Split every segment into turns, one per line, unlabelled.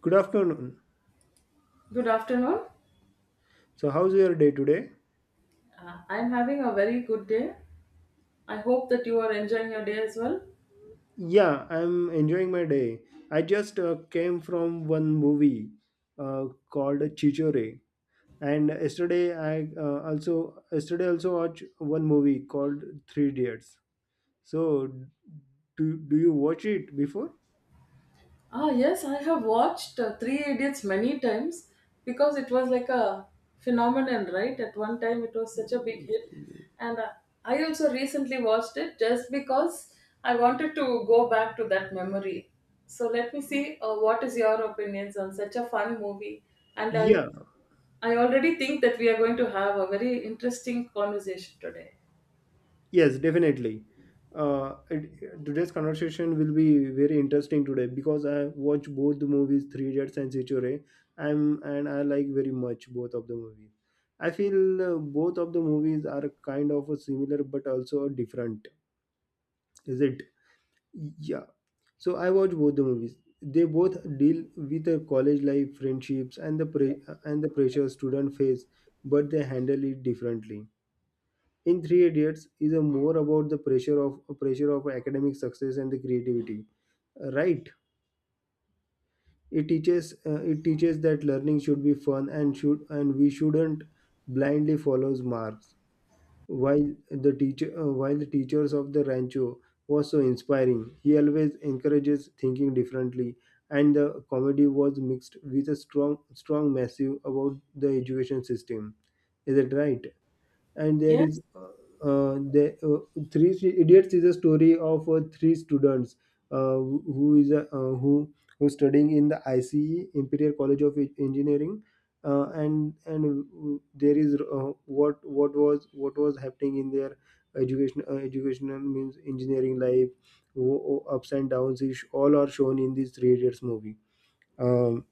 Good afternoon.
Good afternoon.
So, how's your day today?
I'm having a very good day. I hope that you are enjoying your day as well.
Yeah, I'm enjoying my day. I just came from one movie uh, called Chichore, and yesterday also watched one movie called Three Idiots. So, do you watch it before?
Ah, yes, I have watched Three Idiots many times because it was like a phenomenon, right? At one time, it was such a big hit. And I also recently watched it just because I wanted to go back to that memory. So let me see what is your opinions on such a fun movie. And I,
Yeah.
I already think that we are going to have a very interesting conversation today.
Yes, definitely. Today's conversation will be very interesting today because I watch both the movies Three Idiots and Sichore. I like very much both of the movies. I feel both of the movies are kind of a similar but also different. Is it? Yeah. So I watch both the movies. They both deal with a college life, friendships, and the pressure student face, but they handle it differently. In three idiots is a more about the pressure of academic success and the creativity, right? It teaches, that learning should be fun, and we shouldn't blindly follow marks, while the teacher while the teachers of the rancho was so inspiring. He always encourages thinking differently, and the comedy was mixed with a strong massive about the education system, is it right? And there
Yes,
is the three idiots is a story of three students, who is a, who who's studying in the ICE Imperial College of Engineering. And There is what was happening in their educational means engineering life. Ups and downs is all are shown in this three idiots movie. um,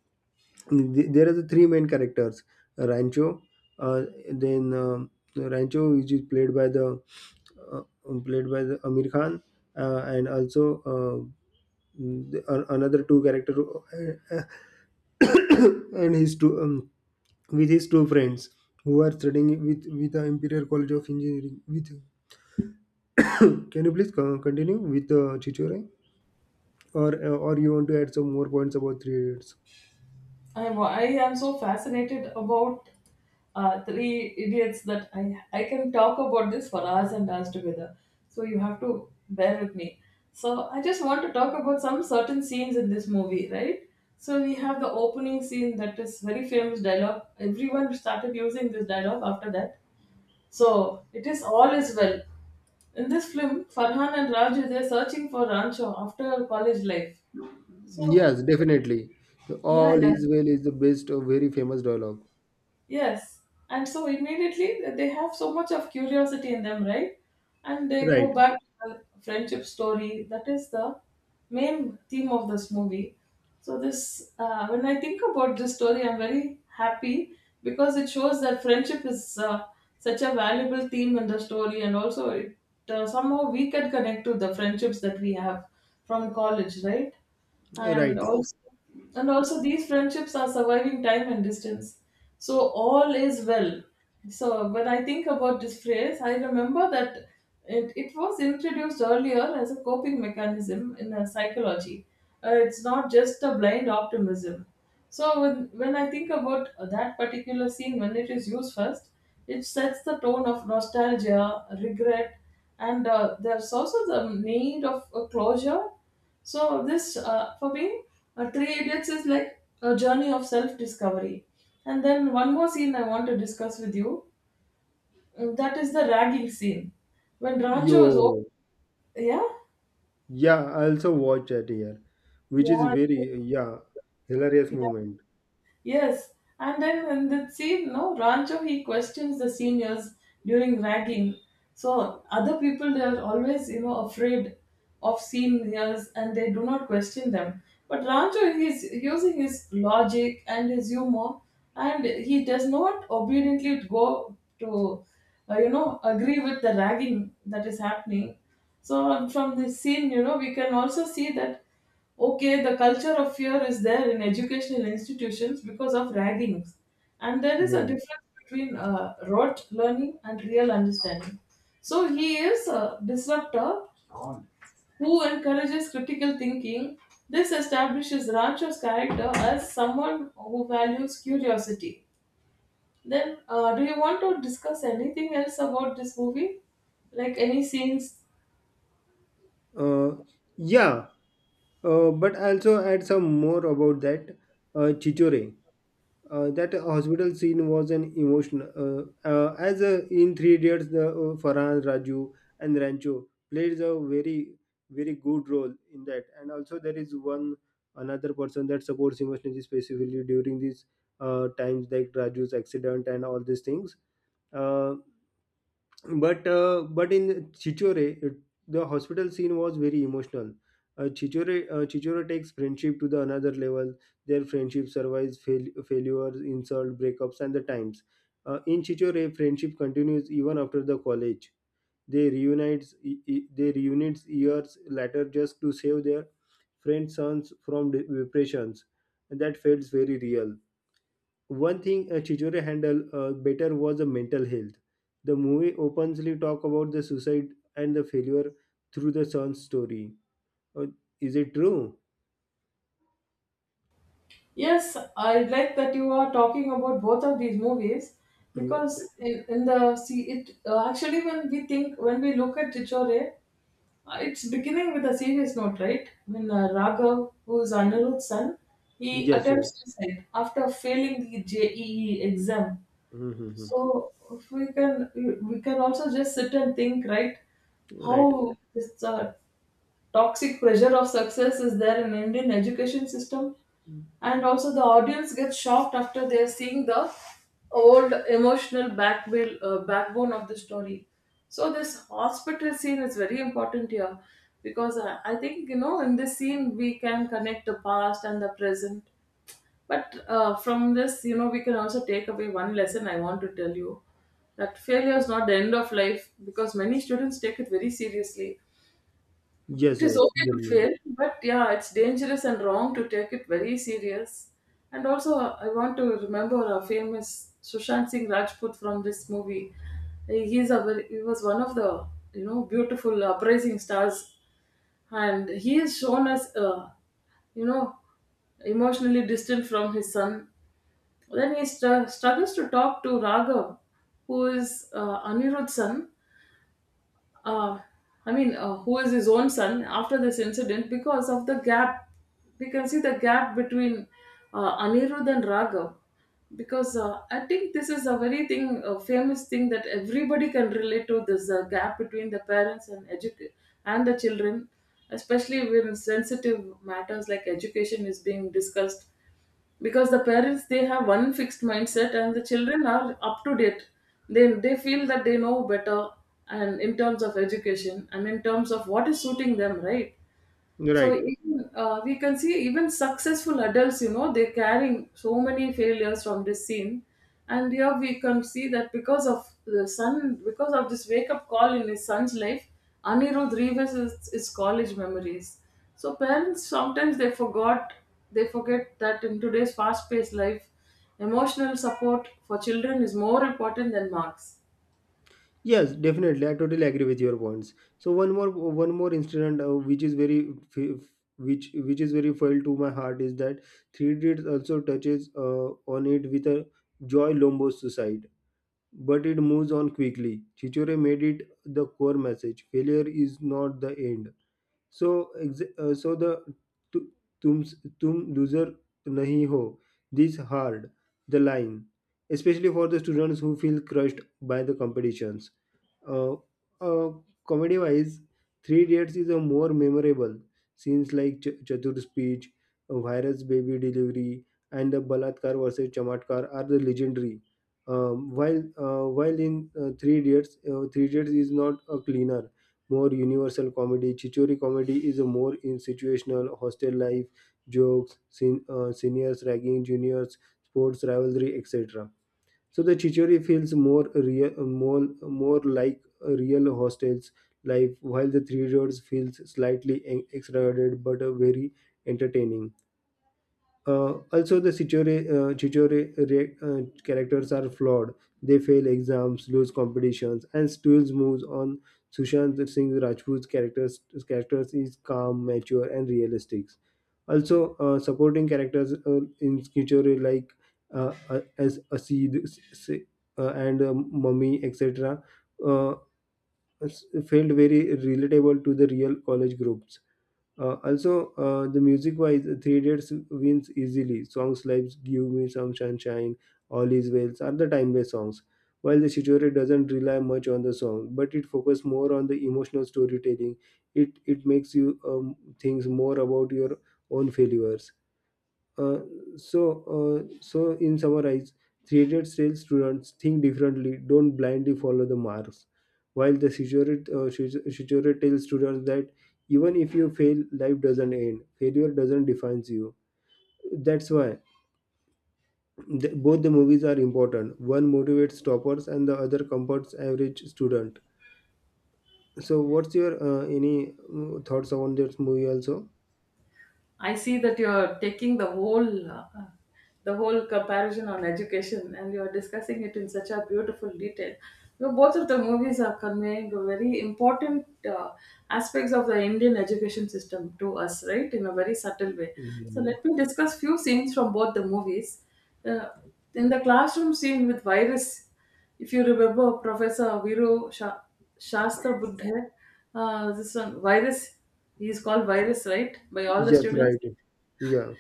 There are the three main characters. Rancho, uh, then rancho, which is uh, played by the amir khan, and also, uh, another two character and his two with his two friends who are studying with the imperial college of engineering with can you please continue with the chichore, or you want to add some more points about three idiots?
I am so fascinated about Three Idiots that I can talk about this for hours and hours together. So you have to bear with me. So I just want to talk about some certain scenes in this movie, right? So we have the opening scene that is very famous dialogue. Everyone started using this dialogue after that. So it is all is well. In this film, Farhan and Raju they're searching for Rancho after college life. So
Yes, definitely.
yeah,
All
yeah.
is well is the best or very famous dialogue.
Yes, and so immediately they have so much of curiosity in them, right? And they go
Right,
back to the friendship story. That is the main theme of this movie. So when I think about this story, I'm very happy because it shows that friendship is such a valuable theme in the story, and also it somehow we can connect to the friendships that we have from college, right? And
right.
also. And also, these friendships are surviving time and distance. So, all is well. So, when I think about this phrase, I remember that it was introduced earlier as a coping mechanism in psychology. It's not just a blind optimism. So, when I think about that particular scene, when it is used first, it sets the tone of nostalgia, regret, and there's also the need of a closure. So for me, Three Idiots is like a journey of self-discovery. And then one more scene I want to discuss with you. That is the ragging scene when
Yo,
Rancho is open. Yeah,
yeah, I also watch that here, which is
yeah,
very, yeah, hilarious
yeah.
moment.
Yes, and then in the scene, no, Rancho he questions the seniors during ragging. So other people they are always, you know, afraid of seniors and they do not question them. But Rancho he's using his logic and his humor, and he does not obediently go to, you know, agree with the ragging that is happening. So from this scene, you know, we can also see that okay the culture of fear is there in educational institutions because of raggings, and there is a
Yeah.
difference between rote learning and real understanding. So he is a disruptor who encourages critical thinking. This establishes Rancho's character as someone who values curiosity. Then do you want to discuss anything else about this movie, like any scenes?
Uh, yeah. But I also add some more about that Chichore. That hospital scene was an emotion. As in Three Idiots, the Farhan, Raju, and Rancho played a very, very good role in that. And also, there is one another person that supports emotionally, specifically during these times, like Raju's accident and all these things. Uh, but in Chichore, it, the hospital scene was very emotional. Chichore takes friendship to the another level. Their friendship survives failures, insult, breakups, and the times. In Chichore, friendship continues even after the college. They reunites years later just to save their friend's sons from depressions, and that feels very real. One thing Chichore handled better was the mental health. The movie openly talk about the suicide and the failure through the son's story. Uh, is it true?
Yes, I like that you are talking about both of these movies
Yeah.
because in the see it actually when we think when we look at Chichore, it's beginning with a serious note, right? When Raghav, who is Anirudh's son, he
Yes, yes.
attempts suicide after failing the JEE exam.
Mm-hmm. Mm-hmm.
So if we can we can also just sit and think, right?
Right.
How this toxic pressure of success is there in Indian education system? And also the audience gets shocked after they're seeing the old emotional back wheel, backbone of the story. So this hospital scene is very important here because I think you know in this scene we can connect the past and the present. But from this you know we can also take away one lesson I want to tell you that failure is not the end of life because many students take it very seriously. It
Yes,
is
yes,
okay to
definitely.
fail, but yeah, it's dangerous and wrong to take it very serious. And also, I want to remember a famous Sushant Singh Rajput from this movie. He was one of the you know beautiful uprising stars, and he is shown as you know emotionally distant from his son. Then he struggles to talk to Raghav, who is Anirudh's son, uh, who is his own son after this incident because of the gap. We can see the gap between Anirudh and Raghav because I think this is a very thing, a famous thing that everybody can relate to this gap between the parents and and the children, especially when sensitive matters like education is being discussed because the parents they have one fixed mindset and the children are up to date. They feel that they know better, and in terms of education and in terms of what is suiting them right. So
Right.
even, we can see even successful adults, you know, they're carrying so many failures from this scene. And here we can see that because of the son, because of this wake up call in his son's life, Anirudh revisits his college memories. So parents sometimes they forget that in today's fast paced life, emotional support for children is more important than marks.
Yes, definitely. I totally agree with your points. So one more incident which is very, which is very felt to my heart is that Three Idiots also touches on it with a Joy Lombo's suicide. But it moves on quickly. Chichore made it the core message. Failure is not the end. So, tu- tum, tum loser nahi ho. This hard, the line, especially for the students who feel crushed by the competitions. uh, uh, Comedy wise, three idiots is a more memorable. Scenes like chatur speech, virus baby delivery, and the balatkar versus chamatkar are the legendary. While in three idiots, is not a cleaner more universal comedy. Chichori comedy is a more in situational hostel life jokes, seniors ragging juniors, sports rivalry, etc. So the Chichori feels more real, more more like a real hostel's life, while the Three Roads feels slightly exaggerated but a very entertaining. Also, Chichore characters are flawed. They fail exams, lose competitions, and still moves on. Sushant Singh Rajput's characters is calm, mature, and realistic. Also, supporting characters in Chichore like as Asid and Mummy, etc., uh, felt very relatable to the real college groups. Uh, also, the music wise, Three Dates wins easily. Songs like Give Me Some Sunshine, All Is Well are the timeless songs. While the Shichore doesn't rely much on the song, but it focuses more on the emotional storytelling. It makes you think more about your own failures. Uh, so so in summarize, three idiots tell students think differently, don't blindly follow the marks, while the shichore, Shichore tells students that even if you fail, life doesn't end, failure doesn't define you. That's why both the movies are important. One motivates toppers and the other comforts average student. So what's your any thoughts on this movie also?
I see that you're taking the whole comparison on education and you're discussing it in such a beautiful detail. So both of the movies are conveying very important aspects of the Indian education system to us, right, in a very subtle way. So
Mm,
let me discuss few scenes from both the movies. Uh, in the classroom scene with virus, if you remember Professor Shastra Buddha, this one virus, he is called virus right by all the
yes.
students.
Right. Yeah,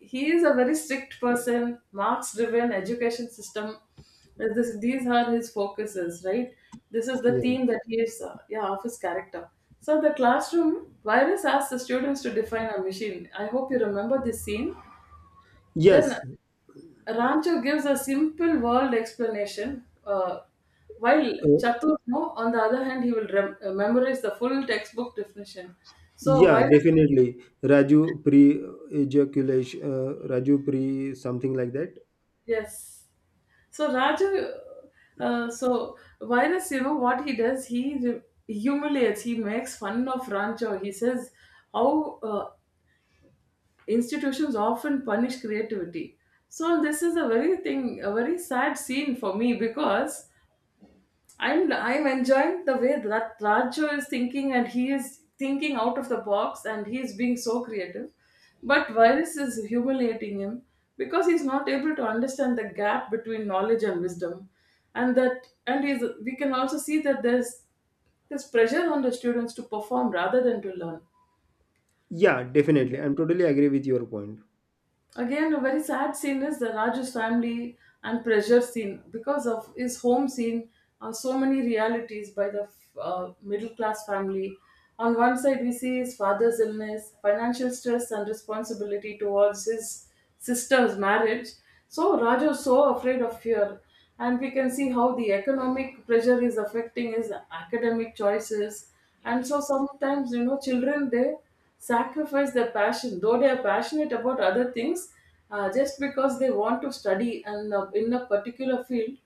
He is a very strict person, marks driven education system. These are his focuses right, this is the
yeah.
theme that he is yeah of his character. So the classroom, virus asked the students to define a machine, I hope you remember this scene. Then
Yes.
Rancho gives a simple world explanation, while
Uh,
Chaturno, on the other hand, he will memorize the full textbook definition. So
yeah,
virus,
definitely. Raju pre ejaculation, Raju pre something like that.
yes. So Raju, so virus, you know what he does? Humiliates. He makes fun of Rancho. He says how institutions often punish creativity. So this is a very thing, a very sad scene for me because I'm enjoying the way that Raju is thinking and he is thinking out of the box and he is being so creative. But Virus is humiliating him because he's not able to understand the gap between knowledge and wisdom. And that and he's we can also see that there's pressure on the students to perform rather than to learn.
Yeah, definitely. I'm totally agree with your point.
Again, a very sad scene is the Raju's family and pressure scene because of his home scene. So many realities by the middle class family. On one side, we see his father's illness, financial stress, and responsibility towards his sister's marriage. So Raju is so afraid of fear, and we can see how the economic pressure is affecting his academic choices. And so sometimes you know children they sacrifice their passion though they are passionate about other things, just because they want to study and in a particular field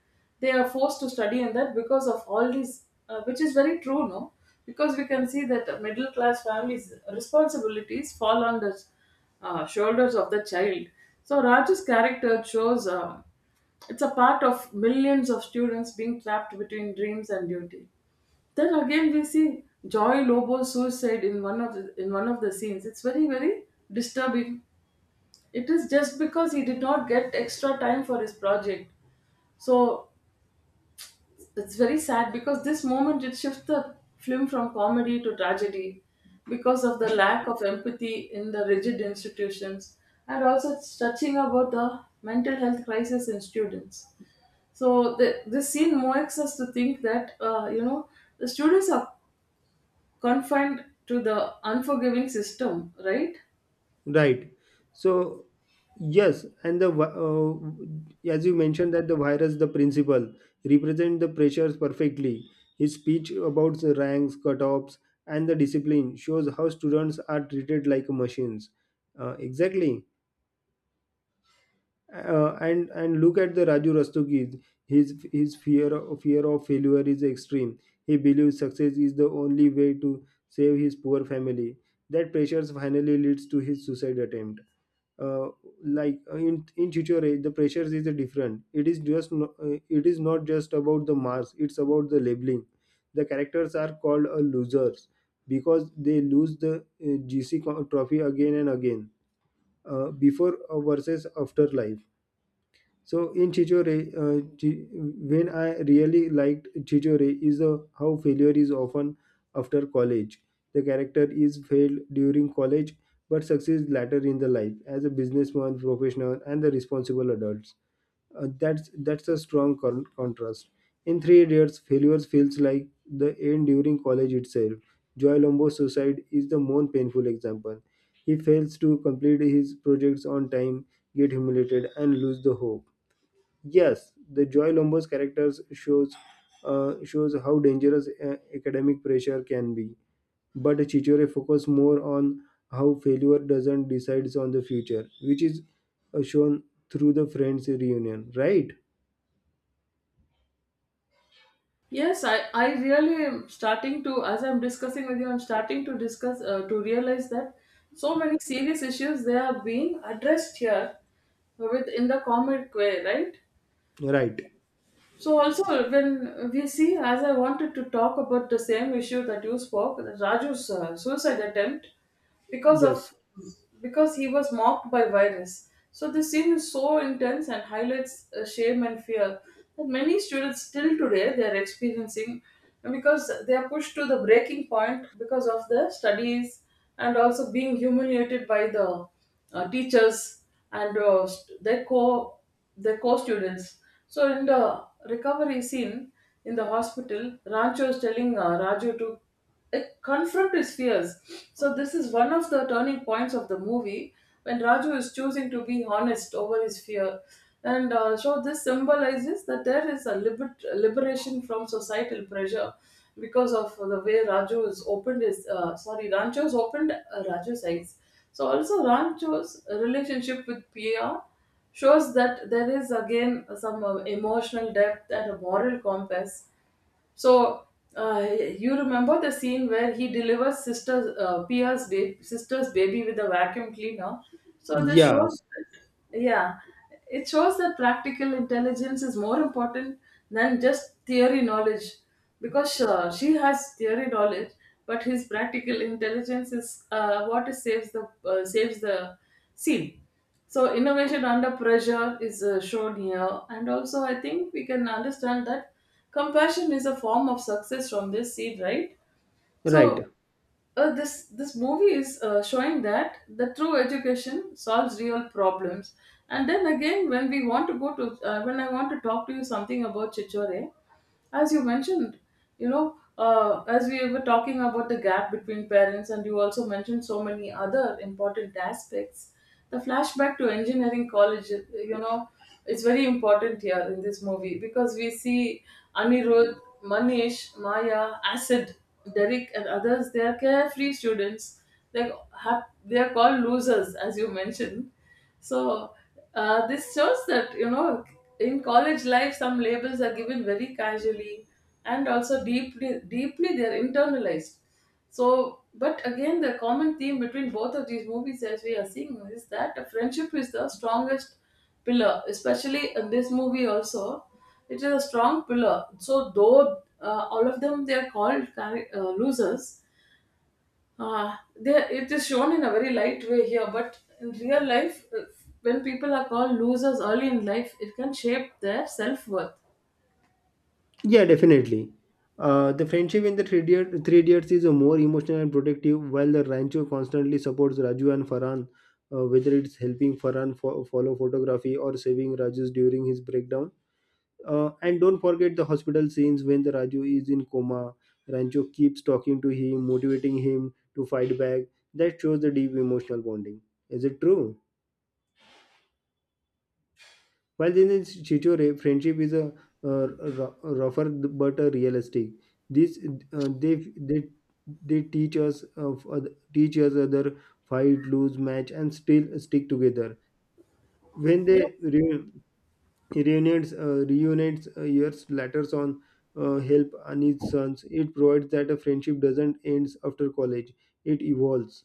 they are forced to study in that because of all these which is very true no, because we can see that middle class families responsibilities fall on the shoulders of the child. So Raju's character shows it's a part of millions of students being trapped between dreams and duty. Then again, we see Joy Lobo's suicide in one of the scenes. It's very very disturbing. It is just because he did not get extra time for his project. So it's very sad because this moment it shifts the film from comedy to tragedy because of the lack of empathy in the rigid institutions, and also it's touching about the mental health crisis in students. So this scene makes us to think that you know the students are confined to the unforgiving system, right?
Right. So, yes, and as you mentioned that the virus, the principle, represent the pressures perfectly. His speech about the ranks, cutoffs, and the discipline shows how students are treated like machines. Exactly. And look at the Raju Rastogis. His fear of failure is extreme. He believes success is the only way to save his poor family. That pressure finally leads to his suicide attempt. Uh, in Chichore, the pressures is different. It is just no, it is not just about the marks. It's about the labeling. The characters are called losers because they lose the GC trophy again and again. Before versus after life. So in Chichore, when I really liked Chichore is how failure is often after college. The character is failed during college but succeeds later in the life as a businessman, professional, and the responsible adults. That's a strong contrast. In three years, failures feels like the end during college itself. Joy Lombo's suicide is the most painful example. He fails to complete his projects on time, get humiliated, and lose the hope. Yes, the Joy Lombo's characters shows, shows how dangerous academic pressure can be, but Chichore focuses more on how failure doesn't decides on the future, which is shown through the friends reunion, right?
Yes, I really am starting to as I'm discussing with you, I'm starting to discuss to realize that so many serious issues they are being addressed here with in the comic way, right?
Right.
So also when we see, as I wanted to talk about the same issue that you spoke, the Raju's suicide attempt. because
Yes.
of because he was mocked by virus. So this scene is so intense and highlights shame and fear that many students still today they are experiencing because they are pushed to the breaking point because of their studies, and also being humiliated by the teachers and their co their co-students. So in the recovery scene in the hospital, Rancho is telling Raju to it confront his fears. So this is one of the turning points of the movie when Raju is choosing to be honest over his fear. And so this symbolizes that there is a liberation from societal pressure because of the way Raju is opened his sorry Rancho's opened Raju's eyes. So also Rancho's relationship with Pia shows that there is again some emotional depth and a moral compass, so uh, you remember the scene where he delivers sister's Pia's baby, sister's baby, with a vacuum cleaner. So this shows,
Yes.
yeah, it shows that practical intelligence is more important than just theory knowledge, because she has theory knowledge, but his practical intelligence is what is saves the scene. So innovation under pressure is shown here, and also I think we can understand that compassion is a form of success from this seed, right? So
Right.
uh, this this movie is showing that the true education solves real problems. And then again, when we want to go to when I want to talk to you something about Chichore, as you mentioned, you know, as we were talking about the gap between parents, and you also mentioned so many other important aspects. The flashback to engineering college, you know, it's very important here in this movie because we see Anirudh, Manish, Maya, Acid, Derek, and others. They are carefree students. They they are called losers, as you mentioned. So this shows that, you know, in college life some labels are given very casually and also deeply they are internalized. So, but again, the common theme between both of these movies, as we are seeing, is that the friendship is the strongest pillar, especially in this movie also. It is a strong pillar. So, though all of them, they are called losers, they it is shown in a very light way here. But in real life, when people are called losers early in life, it can shape their self worth.
Yeah, definitely. The friendship in the Three Idiots, Three Idiots is a more emotional and protective, while the Rancho constantly supports Raju and Farhan, whether it's helping Farhan follow photography or saving Raju's during his breakdown. And don't forget the hospital scenes when the Raju is in coma. Rancho keeps talking to him, motivating him to fight back. That shows the deep emotional bonding. Is it true? While in the Chichore, friendship is a uh, r- rougher but a realistic. This uh, they they they teach us of teach us other fight, lose match, and still stick together. When
Yeah.
they reunites years later on help Anit's sons, it provides that a friendship doesn't ends after college; it evolves.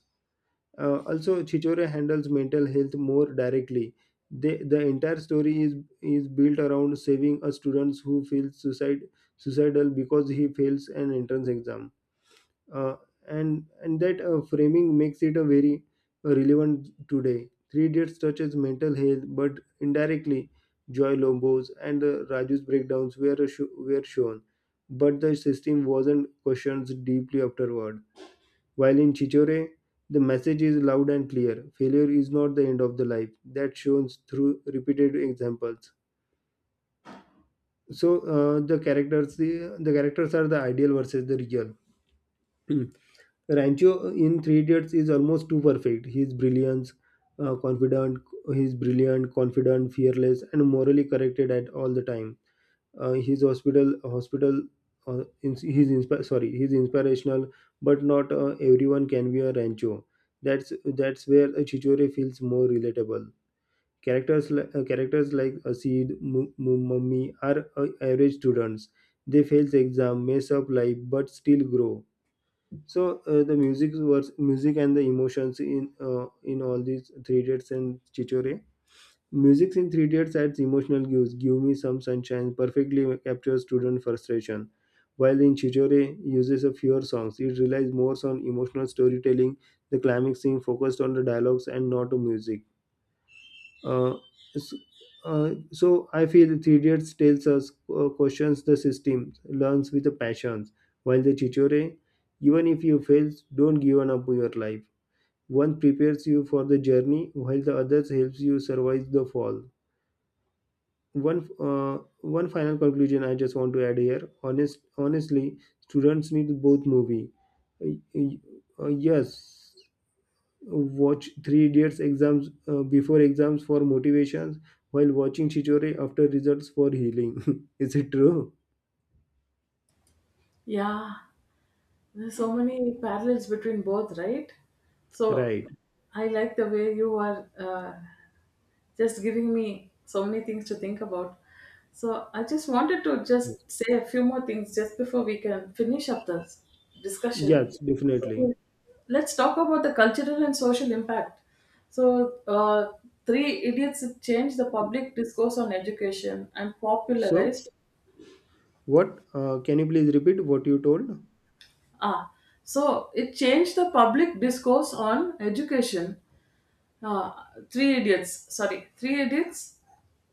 Also, Chichore handles mental health more directly. They, the entire story is built around saving a student who feels suicide suicidal because he fails an entrance exam. Uh, and that framing makes it a very relevant today. Three Idiots touches mental health, but indirectly. Joy Lombo's and Raju's breakdowns were shown, but the system wasn't questioned deeply afterward. While in Chichore, the message is loud and clear: failure is not the end of the life. That shows through repeated examples. So, uh, the characters the, the characters are the ideal versus the real. Rancho in Three Idiots is almost too perfect. He is brilliant, confident. He is brilliant, confident, fearless, and morally corrected at all the time. His hospital hospital ins he's sorry, he's inspirational, but not everyone can be a rancho. That's where a chichore feels more relatable. Characters like asid mummy are average students. They fail the exam, mess up life, but still grow. So the music was music and the emotions in all these three dates and chichore. Music in Three Idiots adds emotional cues. Give Me Some Sunshine perfectly captures student frustration. While in Chichore uses a fewer songs, it relies more on emotional storytelling. The climax scene focused on the dialogues and not the music. Uh, s- so I feel Three Idiots tells us, questions the system, learns with the passions. While the Chichore, even if you fail, don't give up your life. One prepares you for the journey, while the others helps you survive the fall. One final conclusion I just want to add here, honestly, students need both movie. Uh, y- yes, watch three idiots exams, before exams for motivations, while watching chichore after results for healing is it true?
Yeah. There's so many parallels between both, right? So
Right.
I like the way you are, just giving me so many things to think about. So I just wanted to just say a few more things just before we can finish up the discussion.
Yes, definitely.
So let's talk about the cultural and social impact. So Three Idiots changed the public discourse on education and
So
popularized.
what can you please repeat what you told?
Ah, so it changed the public discourse on education, uh, Three Idiots. Sorry, Three Idiots.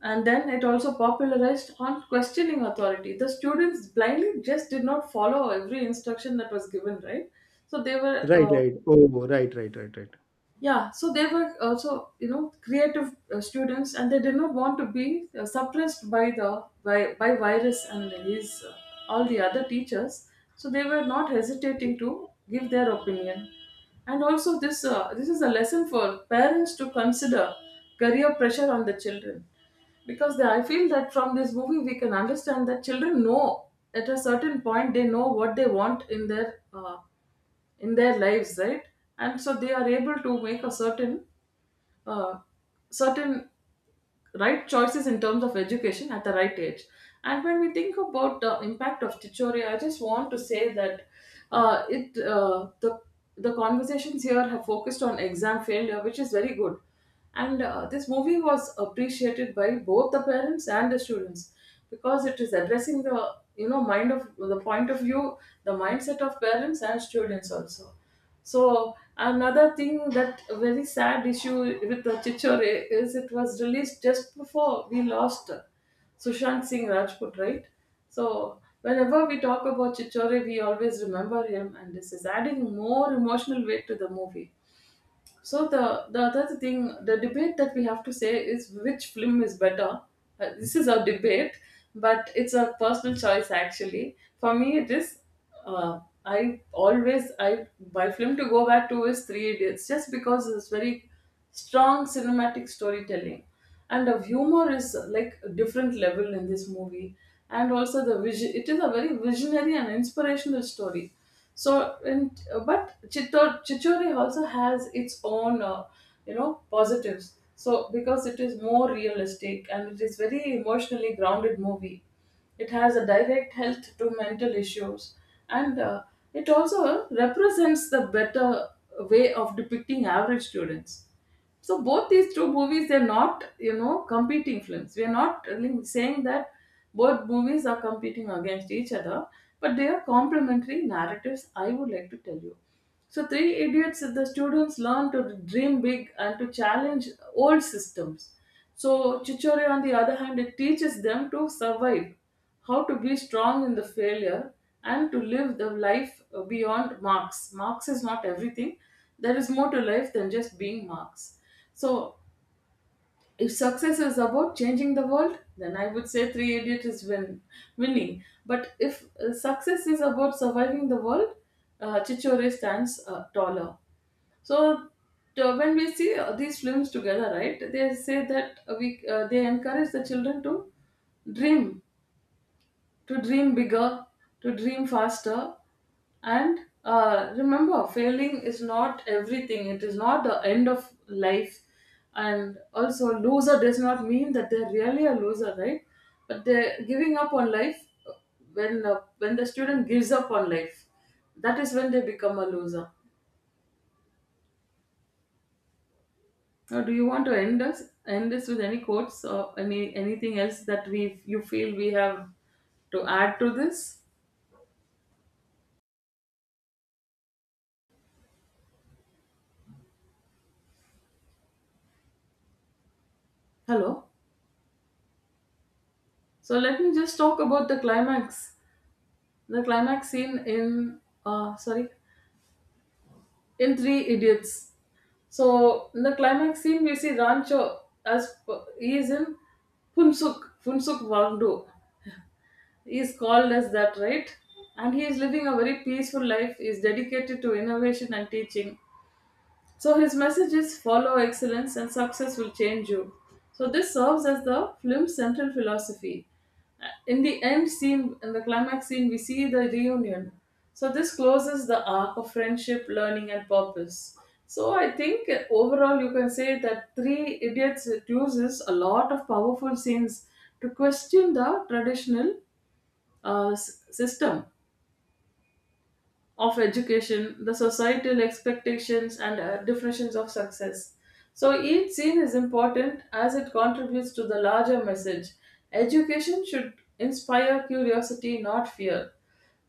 And then it also popularized on questioning authority. The students blindly just did not follow every instruction that was given, right? So they were
Right, right. Oh, right, right, right, right.
yeah, so they were also, you know, creative students, and they did not want to be suppressed by virus and his all the other teachers. So they were not hesitating to give their opinion. And also this this is a lesson for parents to consider career pressure on the children, because I feel that from this movie we can understand that children know at a certain point, they know what they want in their lives, right? And so they are able to make a certain uh, certain right choices in terms of education at the right age. And when we think about the impact of Tichori, I just want to say that it the conversations here have focused on exam failure, which is very good. And this movie was appreciated by both the parents and the students because it is addressing the, you know, mind of, the point of view, the mindset of parents and students also. So another thing, that a very sad issue with the Chichore, is it was released just before we lost Sushant Singh Rajput, right? So whenever we talk about Chichore, we always remember him, and this is adding more emotional weight to the movie. So the other thing, the debate that we have to say is which film is better. This is a debate, but it's a personal choice actually. For me, it is. I always I my film to go back to is Three Idiots, just because it's very strong cinematic storytelling, and the humor is like a different level in this movie. And also the vision, it is a very visionary and inspirational story. So, and but Chittor, Chichori also has its own you know, positives, so because it is more realistic and it is very emotionally grounded movie. It has a direct health to mental issues. And it also represents the better way of depicting average students. So both these two movies, they're not, you know, competing films. We're not really saying that both movies are competing against each other, but they are complementary narratives, I would like to tell you. So Three Idiots, the students learn to dream big and to challenge old systems. So Chichore, on the other hand, it teaches them to survive, how to be strong in the failure, and to live the life beyond marks. Marks is not everything. There is more to life than just being marks. So, if success is about changing the world, then I would say Three Idiots is winning. But if success is about surviving the world, Chichore stands taller. So, when we see these films together, right, they say that we they encourage the children to dream, to dream bigger, to dream faster, and remember, failing is not everything. It is not the end of life. And also loser does not mean that they're really a loser, right? But they're giving up on life. When the student gives up on life, that is when they become a loser. Now, do you want to end this with any quotes or any anything else that we, you feel we have to add to this? Hello. So let me just talk about the climax scene in, sorry, in Three Idiots. So in the climax scene, we see Rancho as p- he is in Punsuk Wangdo. He is called as that, right? And he is living a very peaceful life. He is dedicated to innovation and teaching. So his message is, follow excellence and success will change you. So this serves as the film's central philosophy. In the end scene, in the climax scene, we see the reunion. So this closes the arc of friendship, learning, and purpose. So I think overall you can say that Three Idiots, it uses a lot of powerful scenes to question the traditional system of education, the societal expectations, and definitions of success. So each scene is important as it contributes to the larger message. Education should inspire curiosity, not fear.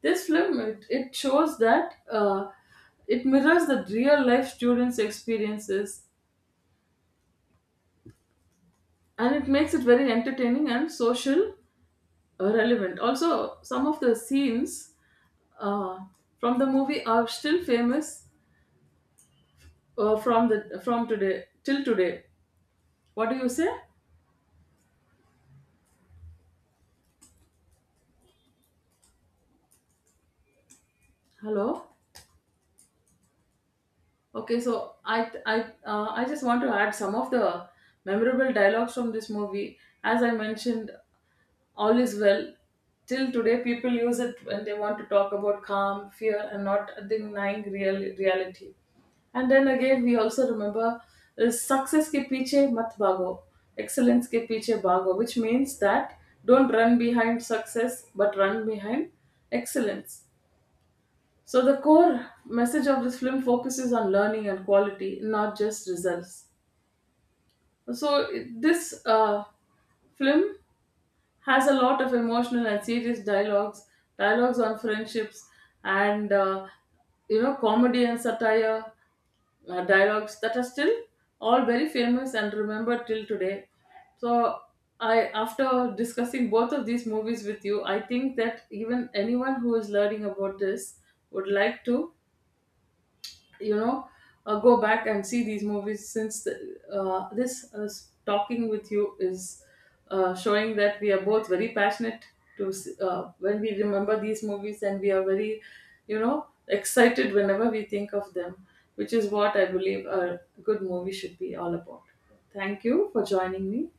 This film, it shows that it mirrors the real life students' experiences, and it makes it very entertaining and social relevant. Also, some of the scenes uh, from the movie are still famous from today till today. What do you say? Hello. Okay, so I just want to add some of the memorable dialogues from this movie. As I mentioned, all is well. Till today, people use it when they want to talk about calm, fear, and not denying real reality. And then again, we also remember success ke piche mat bhago, excellence ke piche bhago, which means that don't run behind success, but run behind excellence. So the core message of this film focuses on learning and quality, not just results. So this film has a lot of emotional and serious dialogues, dialogues on friendships, and you know, comedy and satire dialogues that are still all very famous and remembered till today. So I, after discussing both of these movies with you, I think that even anyone who is learning about this would like to, you know, go back and see these movies, since the, this talking with you is showing that we are both very passionate when we remember these movies, and we are very, you know, excited whenever we think of them, which is what I believe a good movie should be all about. Thank you for joining me.